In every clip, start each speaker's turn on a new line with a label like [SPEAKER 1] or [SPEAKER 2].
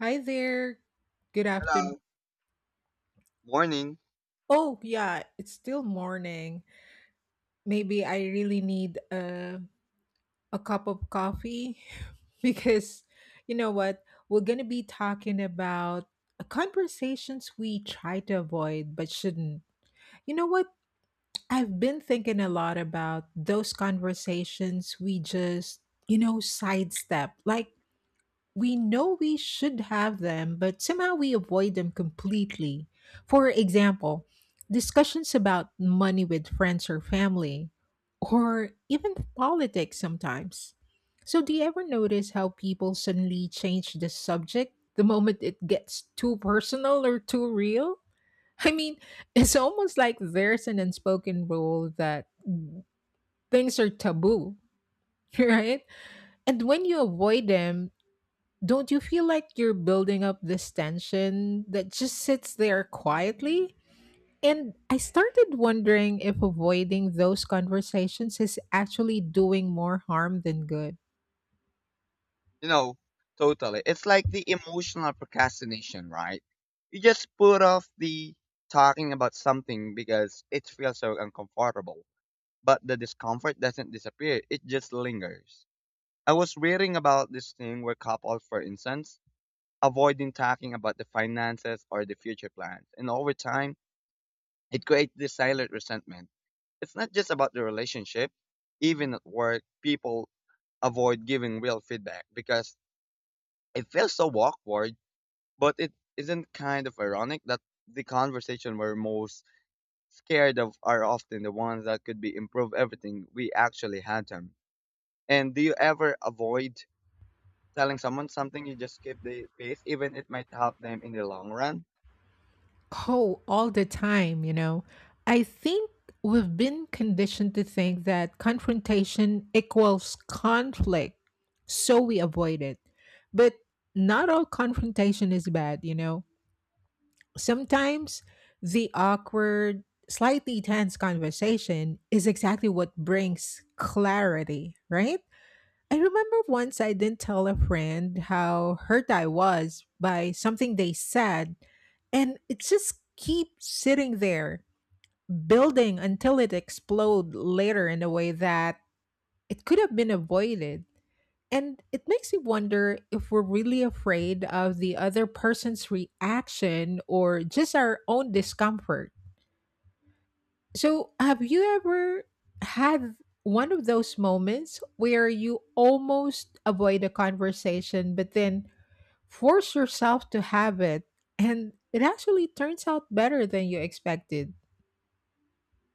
[SPEAKER 1] Hi there. Good afternoon.
[SPEAKER 2] Hello. Morning.
[SPEAKER 1] Oh, yeah, it's still morning. Maybe I really need a cup of coffee because you know what? We're going to be talking about conversations we try to avoid but shouldn't. You know what? I've been thinking a lot about those conversations we just sidestep. Like, we know we should have them, but somehow we avoid them completely. For example, discussions about money with friends or family, or even politics sometimes. So, do you ever notice how people suddenly change the subject the moment it gets too personal or too real? I mean, it's almost like there's an unspoken rule that things are taboo, right? And when you avoid them, don't you feel like you're building up this tension that just sits there quietly? And I started wondering if avoiding those conversations is actually doing more harm than good.
[SPEAKER 2] You know, totally. It's like the emotional procrastination, right? You just put off the talking about something because it feels so uncomfortable. But the discomfort doesn't disappear, it just lingers. I was reading about this thing where couples, for instance, avoiding talking about the finances or the future plans. And over time, it creates this silent resentment. It's not just about the relationship, even at work, people avoid giving real feedback because it feels so awkward, but it isn't kind of ironic that the conversation we're most scared of are often the ones that could be improve everything we actually had them. And do you ever avoid telling someone something you just keep the peace, even it might help them in the long run?
[SPEAKER 1] Oh, all the time, you know. I think we've been conditioned to think that confrontation equals conflict, so we avoid it. But not all confrontation is bad, you know. Sometimes the awkward, slightly tense conversation is exactly what brings clarity, right? I remember once I didn't tell a friend how hurt I was by something they said, and it just keeps sitting there, building until it explode later in a way that it could have been avoided, and it makes you wonder if we're really afraid of the other person's reaction or just our own discomfort. So, have you ever had one of those moments where you almost avoid a conversation, but then force yourself to have it? And it actually turns out better than you expected.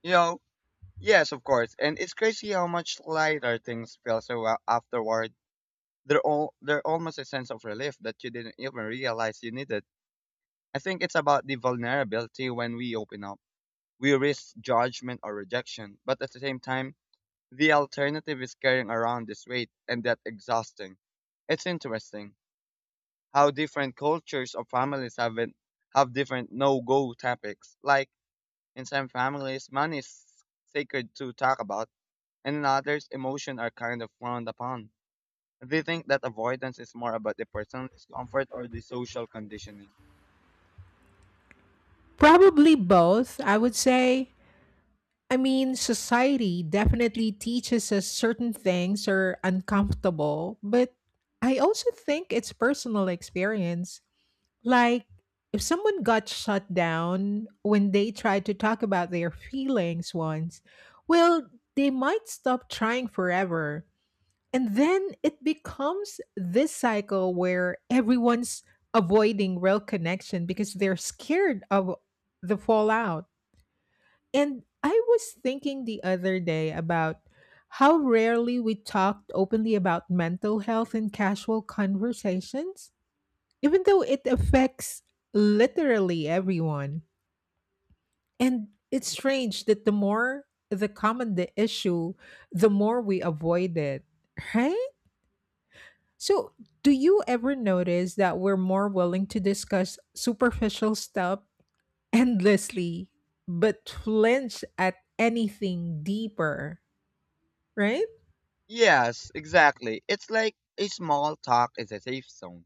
[SPEAKER 2] You know, yes, of course. And it's crazy how much lighter things feel so well afterward. They're almost a sense of relief that you didn't even realize you needed. I think it's about the vulnerability when we open up. We risk judgment or rejection, but at the same time, the alternative is carrying around this weight and that exhausting. It's interesting how different cultures or families have it, have different no-go topics. Like in some families, money is sacred to talk about, and in others, emotion are kind of frowned upon. They think that avoidance is more about the personal discomfort or the social conditioning.
[SPEAKER 1] Probably both, I would say. I mean, society definitely teaches us certain things are uncomfortable, but I also think it's personal experience. Like, if someone got shut down when they tried to talk about their feelings once, well, they might stop trying forever. And then it becomes this cycle where everyone's avoiding real connection because they're scared of the fallout. And I was thinking the other day about how rarely we talked openly about mental health in casual conversations, even though it affects literally everyone. And it's strange that the more the common the issue, the more we avoid it, right? So, do you ever notice that we're more willing to discuss superficial stuff endlessly, but flinch at anything deeper? Right?
[SPEAKER 2] Yes, exactly. It's like a small talk is a safe zone.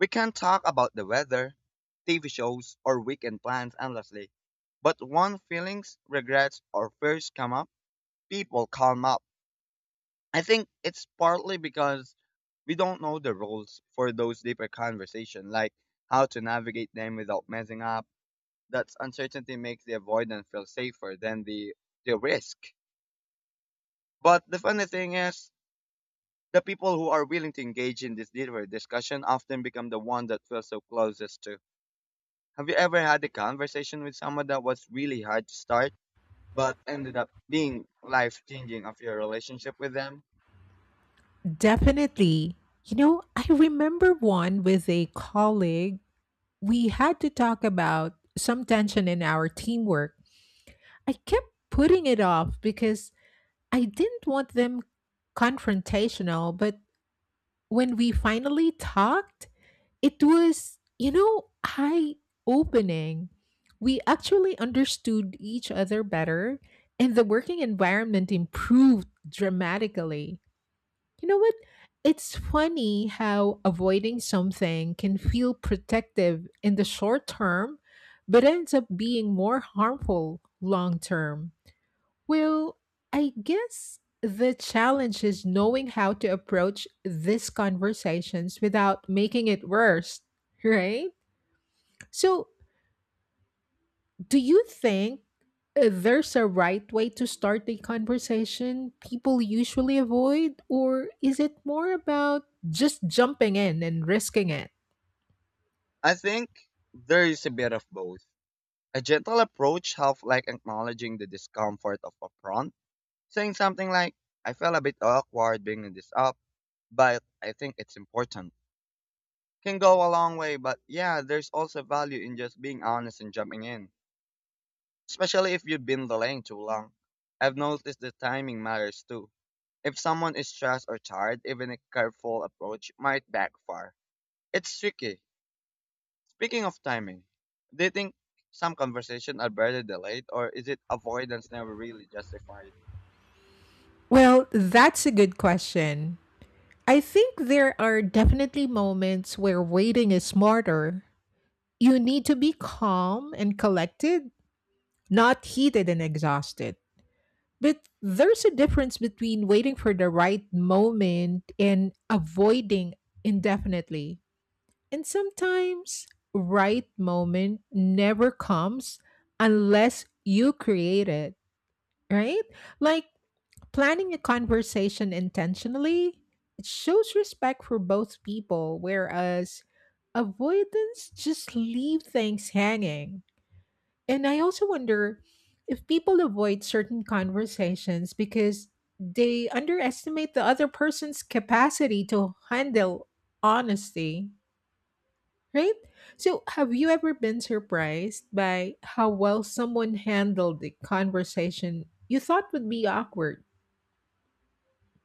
[SPEAKER 2] We can talk about the weather, TV shows, or weekend plans endlessly. But when feelings, regrets, or fears come up, people calm up. I think it's partly because we don't know the rules for those deeper conversations, like how to navigate them without messing up. That uncertainty makes the avoidance feel safer than the risk. But the funny thing is, the people who are willing to engage in this deeper discussion often become the one that feels so closest to. Have you ever had a conversation with someone that was really hard to start, but ended up being life changing of your relationship with them?
[SPEAKER 1] Definitely. You know, I remember one with a colleague. We had to talk about some tension in our teamwork. I kept putting it off because I didn't want them confrontational. But when we finally talked, it was, you know, eye opening. We actually understood each other better, and the working environment improved dramatically. You know what? It's funny how avoiding something can feel protective in the short term, but ends up being more harmful long term. Well, I guess the challenge is knowing how to approach these conversations without making it worse, right? So, do you think there's a right way to start a conversation people usually avoid, or is it more about just jumping in and risking it?
[SPEAKER 2] I think there is a bit of both. A gentle approach of like acknowledging the discomfort of a prompt, saying something like, I feel a bit awkward bringing this up, but I think it's important. Can go a long way, but yeah, there's also value in just being honest and jumping in, especially if you've been delaying too long. I've noticed the timing matters too. If someone is stressed or tired, even a careful approach might backfire. It's tricky. Speaking of timing, do you think some conversations are better delayed, or is it avoidance never really justified?
[SPEAKER 1] Well, that's a good question. I think there are definitely moments where waiting is smarter. You need to be calm and collected, not heated and exhausted. But there's a difference between waiting for the right moment and avoiding indefinitely. And sometimes right moment never comes unless you create it, right? Like planning a conversation intentionally, it shows respect for both people, whereas avoidance just leave things hanging. And I also wonder if people avoid certain conversations because they underestimate the other person's capacity to handle honesty, right? So, have you ever been surprised by how well someone handled the conversation you thought would be awkward?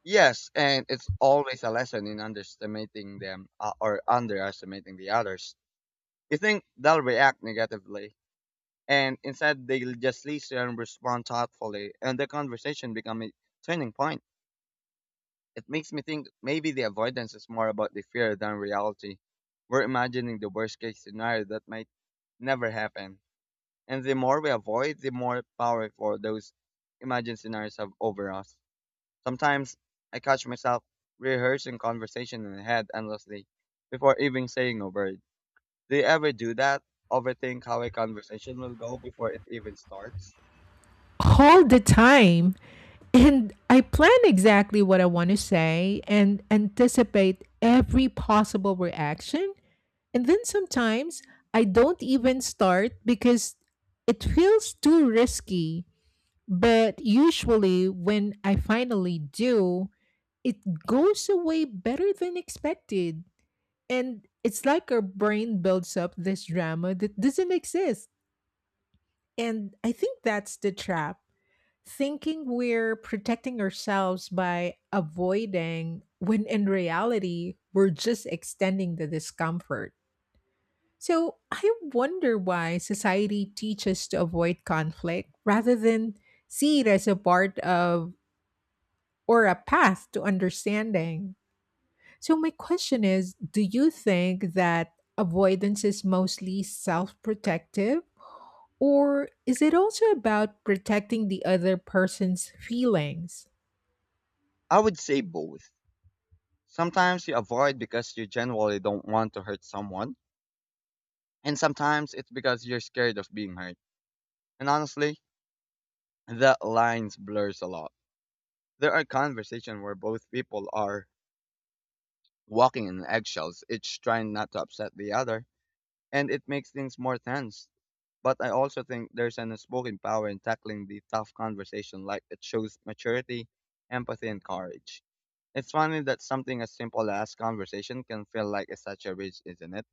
[SPEAKER 2] Yes, and it's always a lesson in underestimating them or underestimating the others. You think they'll react negatively, and instead they'll just listen and respond thoughtfully, and the conversation become a turning point. It makes me think maybe the avoidance is more about the fear than reality. We're imagining the worst case scenario that might never happen. And the more we avoid, the more power those imagined scenarios have over us. Sometimes I catch myself rehearsing conversation in my head endlessly before even saying a word. Do you ever do that? Overthink how a conversation will go before it even starts?
[SPEAKER 1] All the time. And I plan exactly what I want to say and anticipate every possible reaction. And then sometimes I don't even start because it feels too risky. But usually, when I finally do, it goes away better than expected. And it's like our brain builds up this drama that doesn't exist. And I think that's the trap, thinking we're protecting ourselves by avoiding when in reality we're just extending the discomfort. So I wonder why society teaches to avoid conflict rather than see it as a part of or a path to understanding. So my question is, do you think that avoidance is mostly self-protective or is it also about protecting the other person's feelings?
[SPEAKER 2] I would say both. Sometimes you avoid because you generally don't want to hurt someone. And sometimes it's because you're scared of being hurt. And honestly, that lines blurs a lot. There are conversations where both people are walking in eggshells, each trying not to upset the other, and it makes things more tense. But I also think there's an unspoken power in tackling the tough conversation, like it shows maturity, empathy, and courage. It's funny that something as simple as conversation can feel like it's such a risk, isn't it?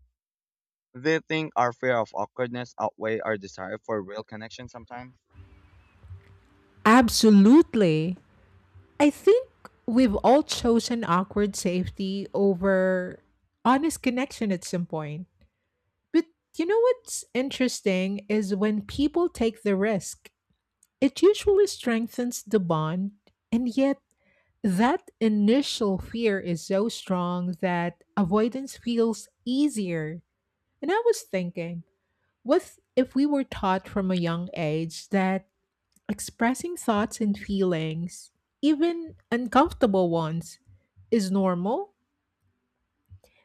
[SPEAKER 2] They think our fear of awkwardness outweigh our desire for real connection sometimes.
[SPEAKER 1] Absolutely. I think we've all chosen awkward safety over honest connection at some point. But you know what's interesting is when people take the risk, it usually strengthens the bond. And yet, that initial fear is so strong that avoidance feels easier. And I was thinking, what if we were taught from a young age that expressing thoughts and feelings, even uncomfortable ones, is normal?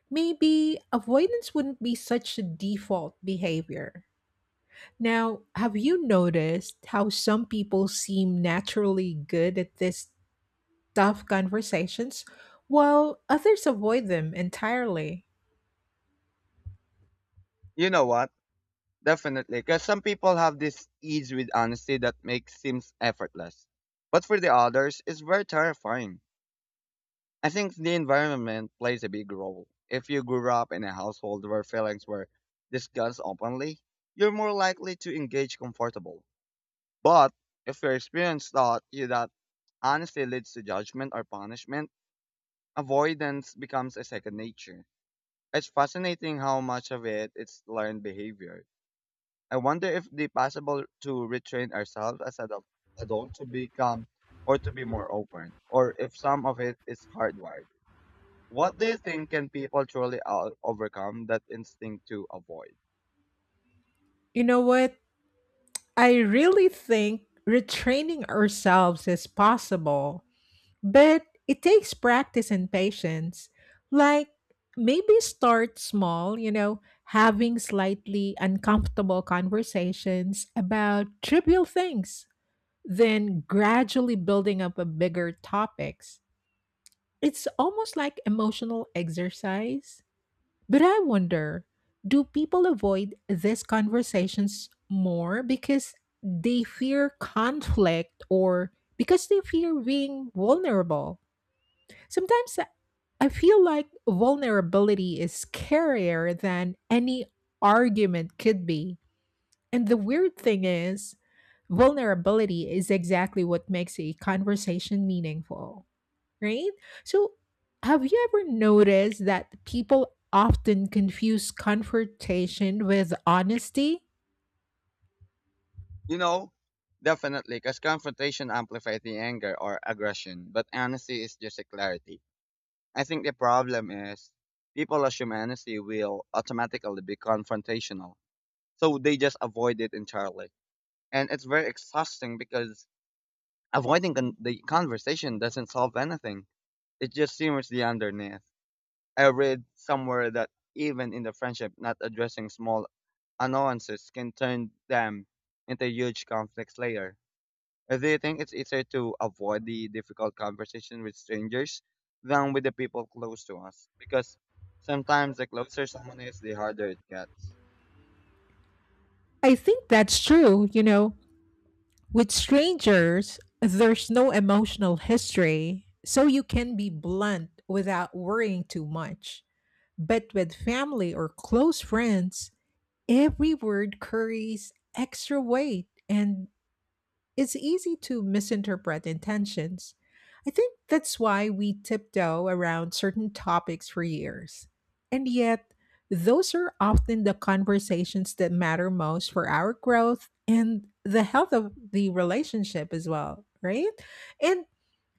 [SPEAKER 1] Maybe avoidance wouldn't be such a default behavior. Now, have you noticed how some people seem naturally good at these tough conversations while others avoid them entirely?
[SPEAKER 2] You know what? Definitely, because some people have this ease with honesty that makes seems effortless, but for the others, it's very terrifying. I think the environment plays a big role. If you grew up in a household where feelings were discussed openly, you're more likely to engage comfortable. But if your experience taught you that honesty leads to judgment or punishment, avoidance becomes a second nature. It's fascinating how much of it is learned behavior. I wonder if the possible to retrain ourselves as adult to become or to be more open, or if some of it is hardwired. What do you think can people truly overcome that instinct to avoid?
[SPEAKER 1] You know what? I really think retraining ourselves is possible, but it takes practice and patience. Like, maybe start small, you know, having slightly uncomfortable conversations about trivial things then gradually building up a bigger topics. It's almost like emotional exercise. But I wonder, do people avoid these conversations more because they fear conflict or because they fear being vulnerable? Sometimes I feel like vulnerability is scarier than any argument could be. And the weird thing is, vulnerability is exactly what makes a conversation meaningful, right? So, have you ever noticed that people often confuse confrontation with honesty?
[SPEAKER 2] You know, definitely, because confrontation amplifies the anger or aggression, but honesty is just a clarity. I think the problem is people assume honesty will automatically be confrontational, so they just avoid it entirely. And it's very exhausting because avoiding the conversation doesn't solve anything. It just simmers the underneath. I read somewhere that even in the friendship, not addressing small annoyances can turn them into huge conflicts later. Do you think it's easier to avoid the difficult conversation with strangers than with the people close to us? Because sometimes the closer someone is, the harder it gets.
[SPEAKER 1] I think that's true, you know. With strangers, there's no emotional history, so you can be blunt without worrying too much. But with family or close friends, every word carries extra weight, and it's easy to misinterpret intentions. I think that's why we tiptoe around certain topics for years. And yet, those are often the conversations that matter most for our growth and the health of the relationship as well, right? And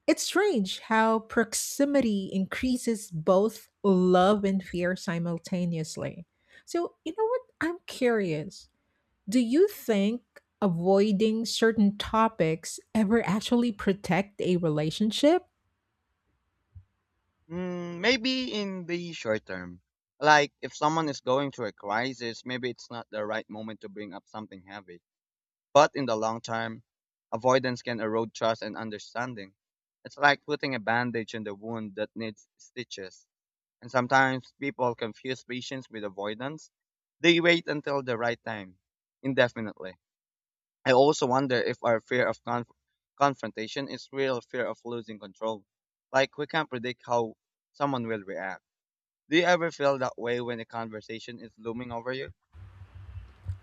[SPEAKER 1] it's strange how proximity increases both love and fear simultaneously. So, you know what? I'm curious, do you think avoiding certain topics ever actually protect a relationship?
[SPEAKER 2] Mm, maybe in the short term. Like if someone is going through a crisis, maybe it's not the right moment to bring up something heavy. But in the long term, avoidance can erode trust and understanding. It's like putting a bandage on the wound that needs stitches. And sometimes people confuse patience with avoidance. They wait until the right time, indefinitely. I also wonder if our fear of confrontation is real fear of losing control. Like we can't predict how someone will react. Do you ever feel that way when a conversation is looming over you?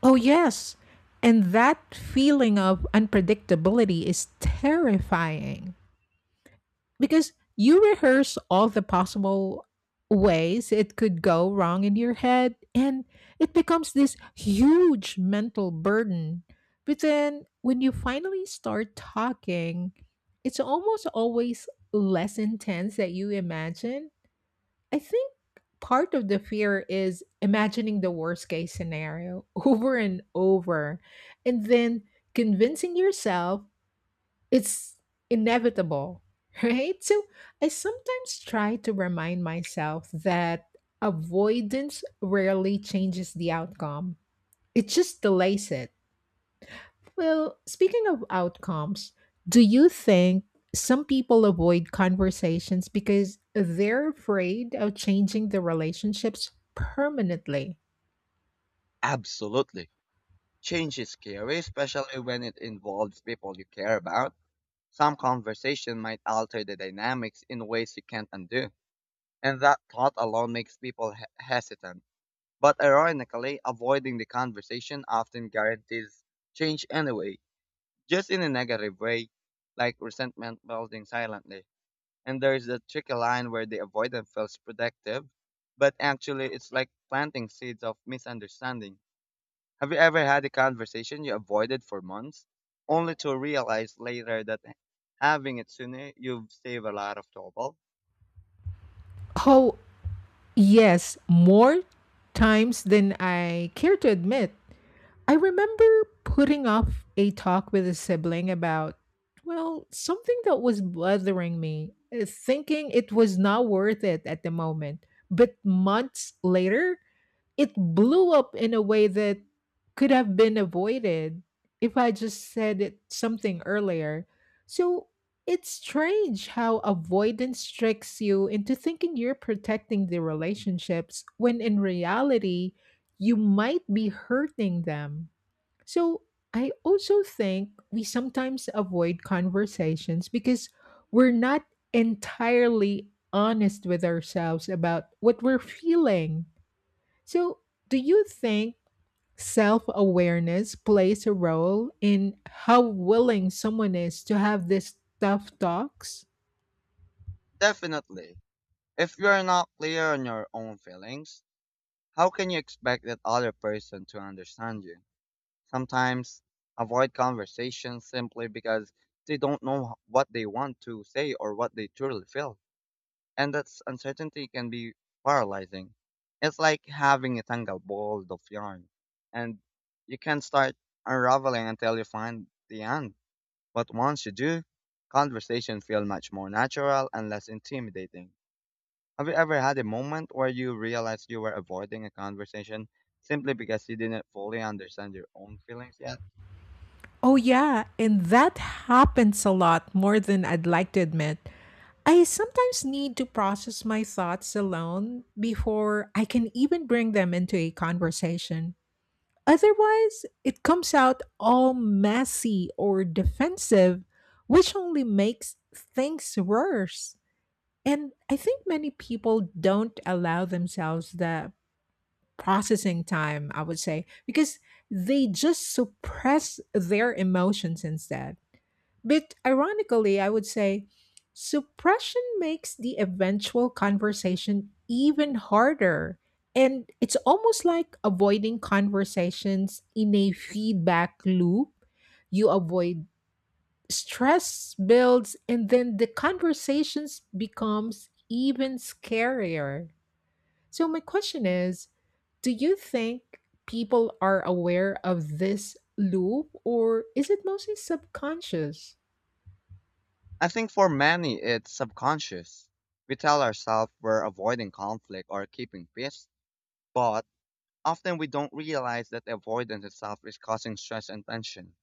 [SPEAKER 1] Oh, yes. And that feeling of unpredictability is terrifying, because you rehearse all the possible ways it could go wrong in your head, and it becomes this huge mental burden. But then when you finally start talking, it's almost always less intense than you imagine. I think part of the fear is imagining the worst case scenario over and over, and then convincing yourself it's inevitable, right? So I sometimes try to remind myself that avoidance rarely changes the outcome, it just delays it. Well, speaking of outcomes, do you think some people avoid conversations because they're afraid of changing the relationships permanently?
[SPEAKER 2] Absolutely. Change is scary, especially when it involves people you care about. Some conversation might alter the dynamics in ways you can't undo, and that thought alone makes people hesitant. But ironically, avoiding the conversation often guarantees change anyway, just in a negative way, like resentment building silently. And there's that tricky line where the avoidance feels protective, but actually it's like planting seeds of misunderstanding. Have you ever had a conversation you avoided for months, only to realize later that having it sooner, you've saved a lot of trouble?
[SPEAKER 1] Oh, yes, more times than I care to admit. I remember putting off a talk with a sibling about, well, something that was bothering me, thinking it was not worth it at the moment. But months later, it blew up in a way that could have been avoided if I just said it something earlier. So it's strange how avoidance tricks you into thinking you're protecting the relationships when in reality, you might be hurting them. So I also think we sometimes avoid conversations because we're not entirely honest with ourselves about what we're feeling. So, do you think self awareness plays a role in how willing someone is to have these tough talks?
[SPEAKER 2] Definitely. If you're not clear on your own feelings, how can you expect that other person to understand you? Sometimes avoid conversations simply because they don't know what they want to say or what they truly feel. And that uncertainty can be paralyzing. It's like having a tangled ball of yarn, and you can't start unraveling until you find the end. But once you do, conversations feel much more natural and less intimidating. Have you ever had a moment where you realized you were avoiding a conversation simply because you didn't fully understand your own feelings yet?
[SPEAKER 1] Oh, yeah, and that happens a lot more than I'd like to admit. I sometimes need to process my thoughts alone before I can even bring them into a conversation. Otherwise, it comes out all messy or defensive, which only makes things worse. And I think many people don't allow themselves the processing time, I would say, because they just suppress their emotions instead. But ironically, I would say suppression makes the eventual conversation even harder. And it's almost like avoiding conversations in a feedback loop. You avoid, stress builds, and then the conversations becomes even scarier. So my question is, do you think people are aware of this loop, or is it mostly subconscious?
[SPEAKER 2] I think for many, it's subconscious. We tell ourselves we're avoiding conflict or keeping peace, but often we don't realize that avoidance itself is causing stress and tension.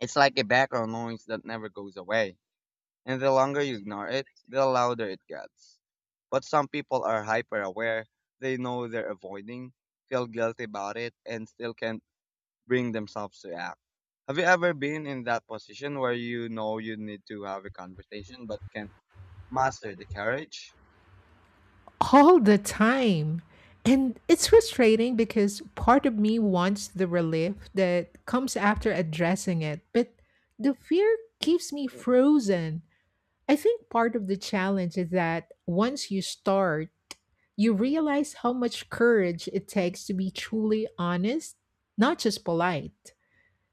[SPEAKER 2] It's like a background noise that never goes away. And the longer you ignore it, the louder it gets. But some people are hyper aware, they know they're avoiding, feel guilty about it, and still can't bring themselves to act. Have you ever been in that position where you know you need to have a conversation but can't master the courage?
[SPEAKER 1] All the time. And it's frustrating because part of me wants the relief that comes after addressing it, but the fear keeps me frozen. I think part of the challenge is that once you start, you realize how much courage it takes to be truly honest, not just polite.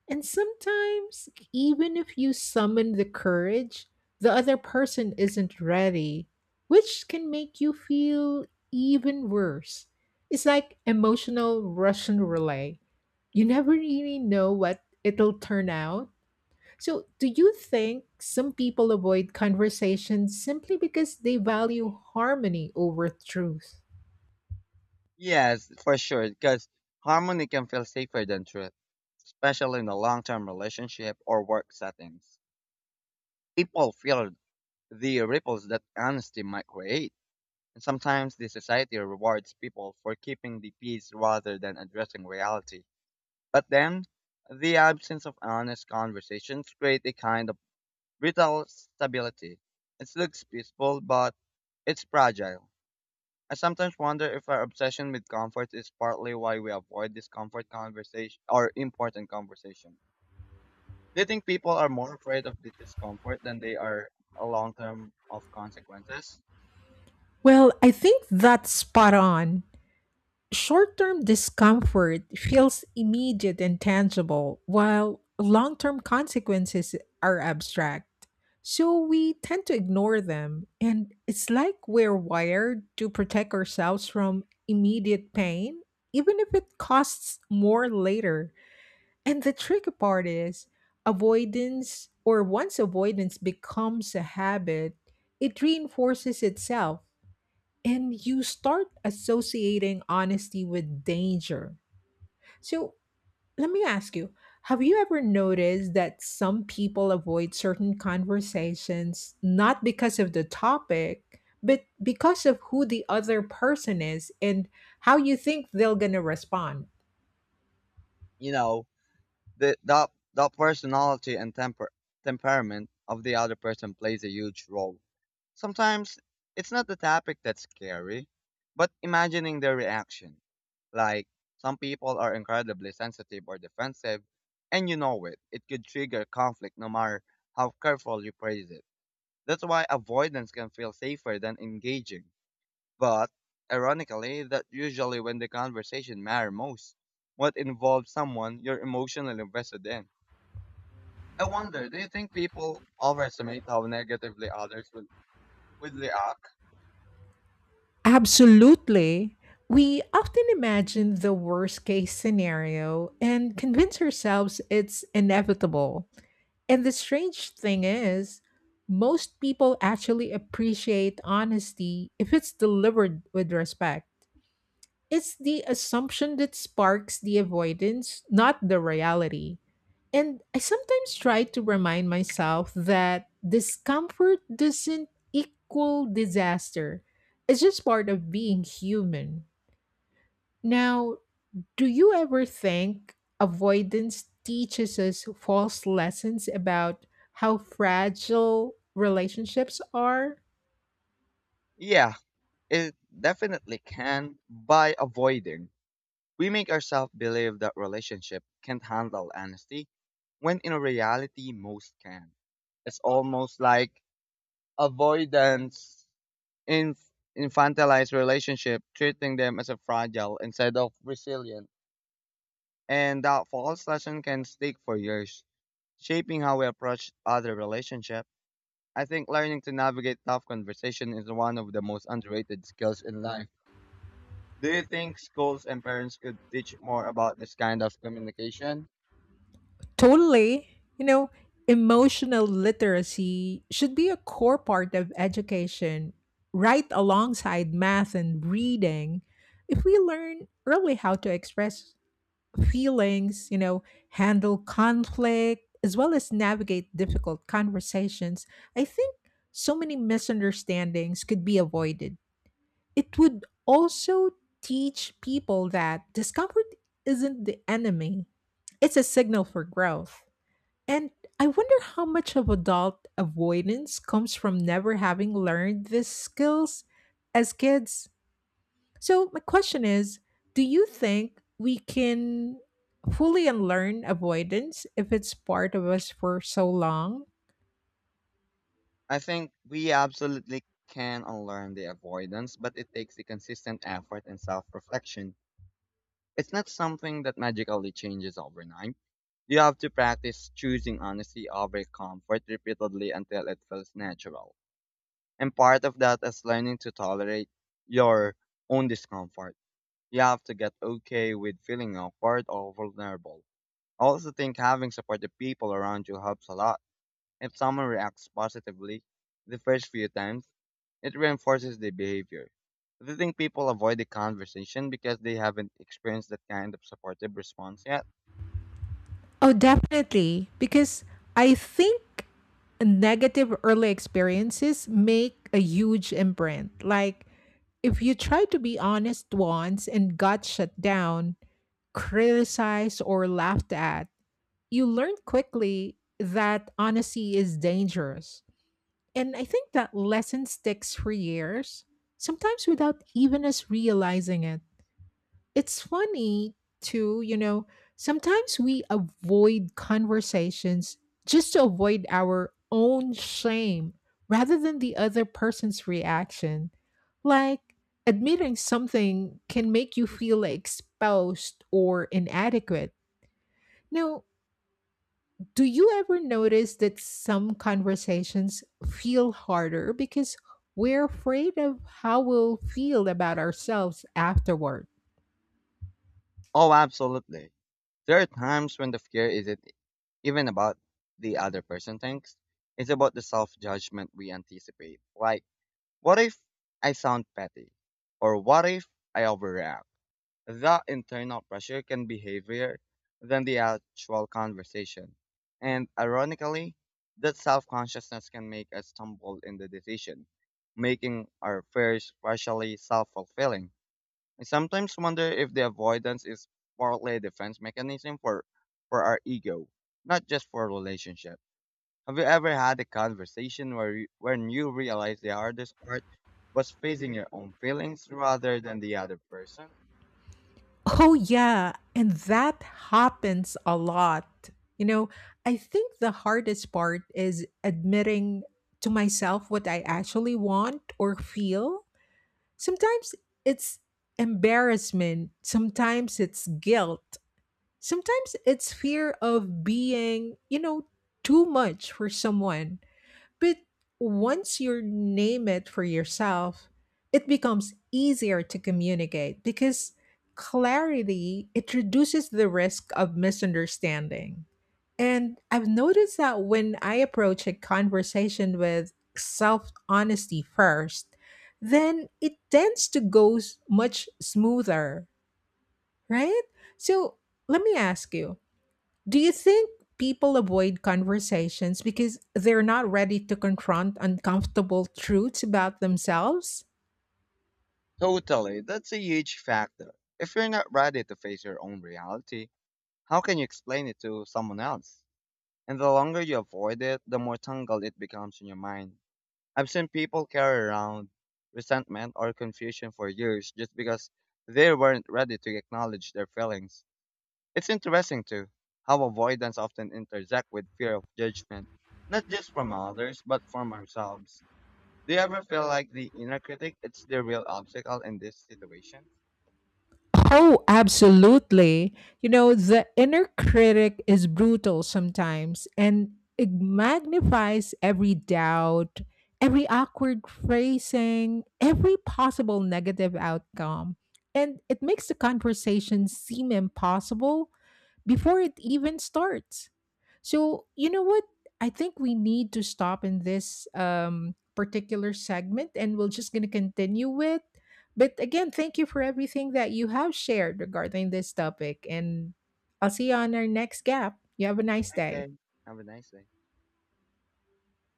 [SPEAKER 1] And sometimes, even if you summon the courage, the other person isn't ready, which can make you feel even worse. It's like emotional Russian relay. You never really know what it'll turn out. So, do you think some people avoid conversations simply because they value harmony over truth?
[SPEAKER 2] Yes, for sure, because harmony can feel safer than truth, especially in a long-term relationship or work settings. People feel the ripples that honesty might create, and sometimes the society rewards people for keeping the peace rather than addressing reality. But then, the absence of honest conversations create a kind of brittle stability. It looks peaceful, but it's fragile. I sometimes wonder if our obsession with comfort is partly why we avoid discomfort conversation or important conversation. Do you think people are more afraid of the discomfort than they are a long term of consequences?
[SPEAKER 1] Well, I think that's spot on. Short term discomfort feels immediate and tangible, while long term consequences are abstract. So we tend to ignore them, and it's like we're wired to protect ourselves from immediate pain, even if it costs more later. And the tricky part is avoidance, or once avoidance becomes a habit, it reinforces itself and you start associating honesty with danger. So, let me ask you, have you ever noticed that some people avoid certain conversations not because of the topic, but because of who the other person is and how you think they're going to respond?
[SPEAKER 2] You know, the the the personality and temperament of the other person plays a huge role. Sometimes it's not the topic that's scary, but imagining their reaction. Like, some people are incredibly sensitive or defensive, and you know it. It could trigger conflict no matter how careful you praise it. That's why avoidance can feel safer than engaging. But, ironically, that usually when the conversation matter most, what involves someone you're emotionally invested in. I wonder, do you think people overestimate how negatively will react?
[SPEAKER 1] Absolutely. We often imagine the worst case scenario and convince ourselves it's inevitable. And the strange thing is, most people actually appreciate honesty if it's delivered with respect. It's the assumption that sparks the avoidance, not the reality. And I sometimes try to remind myself that discomfort doesn't equal disaster, it's just part of being human. Now, do you ever think avoidance teaches us false lessons about how fragile relationships are?
[SPEAKER 2] Yeah, it definitely can by avoiding. We make ourselves believe that relationship can't handle honesty when in reality most can. It's almost like avoidance in infantilized relationship, treating them as a fragile instead of resilient. And that false lesson can stick for years, shaping how we approach other relationship. I think learning to navigate tough conversation is one of the most underrated skills in life. Do you think schools and parents could teach more about this kind of communication?
[SPEAKER 1] Totally. Emotional literacy should be a core part of education, right alongside math and reading. If we learn early how to express feelings, handle conflict, as well as navigate difficult conversations, I think so many misunderstandings could be avoided. It would also teach people that discomfort isn't the enemy, it's a signal for growth. And I wonder how much of adult avoidance comes from never having learned these skills as kids. So, my question is, do you think we can fully unlearn avoidance if it's part of us for so long?
[SPEAKER 2] I think we absolutely can unlearn the avoidance, but it takes the consistent effort and self reflection. It's not something that magically changes overnight. You have to practice choosing honesty over comfort repeatedly until it feels natural. And part of that is learning to tolerate your own discomfort. You have to get okay with feeling awkward or vulnerable. I also think having supportive people around you helps a lot. If someone reacts positively the first few times, it reinforces the behavior. Do you think people avoid the conversation because they haven't experienced that kind of supportive response yet?
[SPEAKER 1] Oh, definitely. Because I think negative early experiences make a huge imprint. Like, if you try to be honest once and got shut down, criticized, or laughed at, you learn quickly that honesty is dangerous. And I think that lesson sticks for years, sometimes without even us realizing it. It's funny, too, sometimes we avoid conversations just to avoid our own shame rather than the other person's reaction. Like, admitting something can make you feel exposed or inadequate. Now, do you ever notice that some conversations feel harder because we're afraid of how we'll feel about ourselves afterward?
[SPEAKER 2] Oh, absolutely. There are times when the fear isn't even about the other person thinks. It's about the self-judgment we anticipate. Like, what if I sound petty? Or what if I overreact? That internal pressure can be heavier than the actual conversation. And ironically, that self consciousness can make us stumble in the decision, making our fears partially self fulfilling. I sometimes wonder if the avoidance is partly a defense mechanism for our ego, not just for relationship. Have you ever had a conversation where when you realized the hardest part was facing your own feelings rather than the other person?
[SPEAKER 1] Oh, yeah. And that happens a lot. You know, I think the hardest part is admitting to myself what I actually want or feel. Sometimes it's embarrassment, sometimes it's guilt, sometimes it's fear of being too much for someone. But once you name it for yourself, it becomes easier to communicate because clarity it reduces the risk of misunderstanding. And I've noticed that when I approach a conversation with self honesty first, then it tends to go much smoother, right? So, let me ask you, do you think people avoid conversations because they're not ready to confront uncomfortable truths about themselves?
[SPEAKER 2] Totally, that's a huge factor. If you're not ready to face your own reality, how can you explain it to someone else? And the longer you avoid it, the more tangled it becomes in your mind. I've seen people carry around resentment or confusion for years just because they weren't ready to acknowledge their feelings. It's interesting too how avoidance often intersects with fear of judgment, not just from others, but from ourselves. Do you ever feel like the inner critic is the real obstacle in this situation?
[SPEAKER 1] Oh, absolutely. The inner critic is brutal sometimes, and it magnifies every doubt, every awkward phrasing, every possible negative outcome. And it makes the conversation seem impossible before it even starts. So, you know what? I think we need to stop in this particular segment, and we're just going to continue with. But again, thank you for everything that you have shared regarding this topic. And I'll see you on our next gap. You have a nice
[SPEAKER 2] Okay.
[SPEAKER 1] day.
[SPEAKER 2] Have a nice day.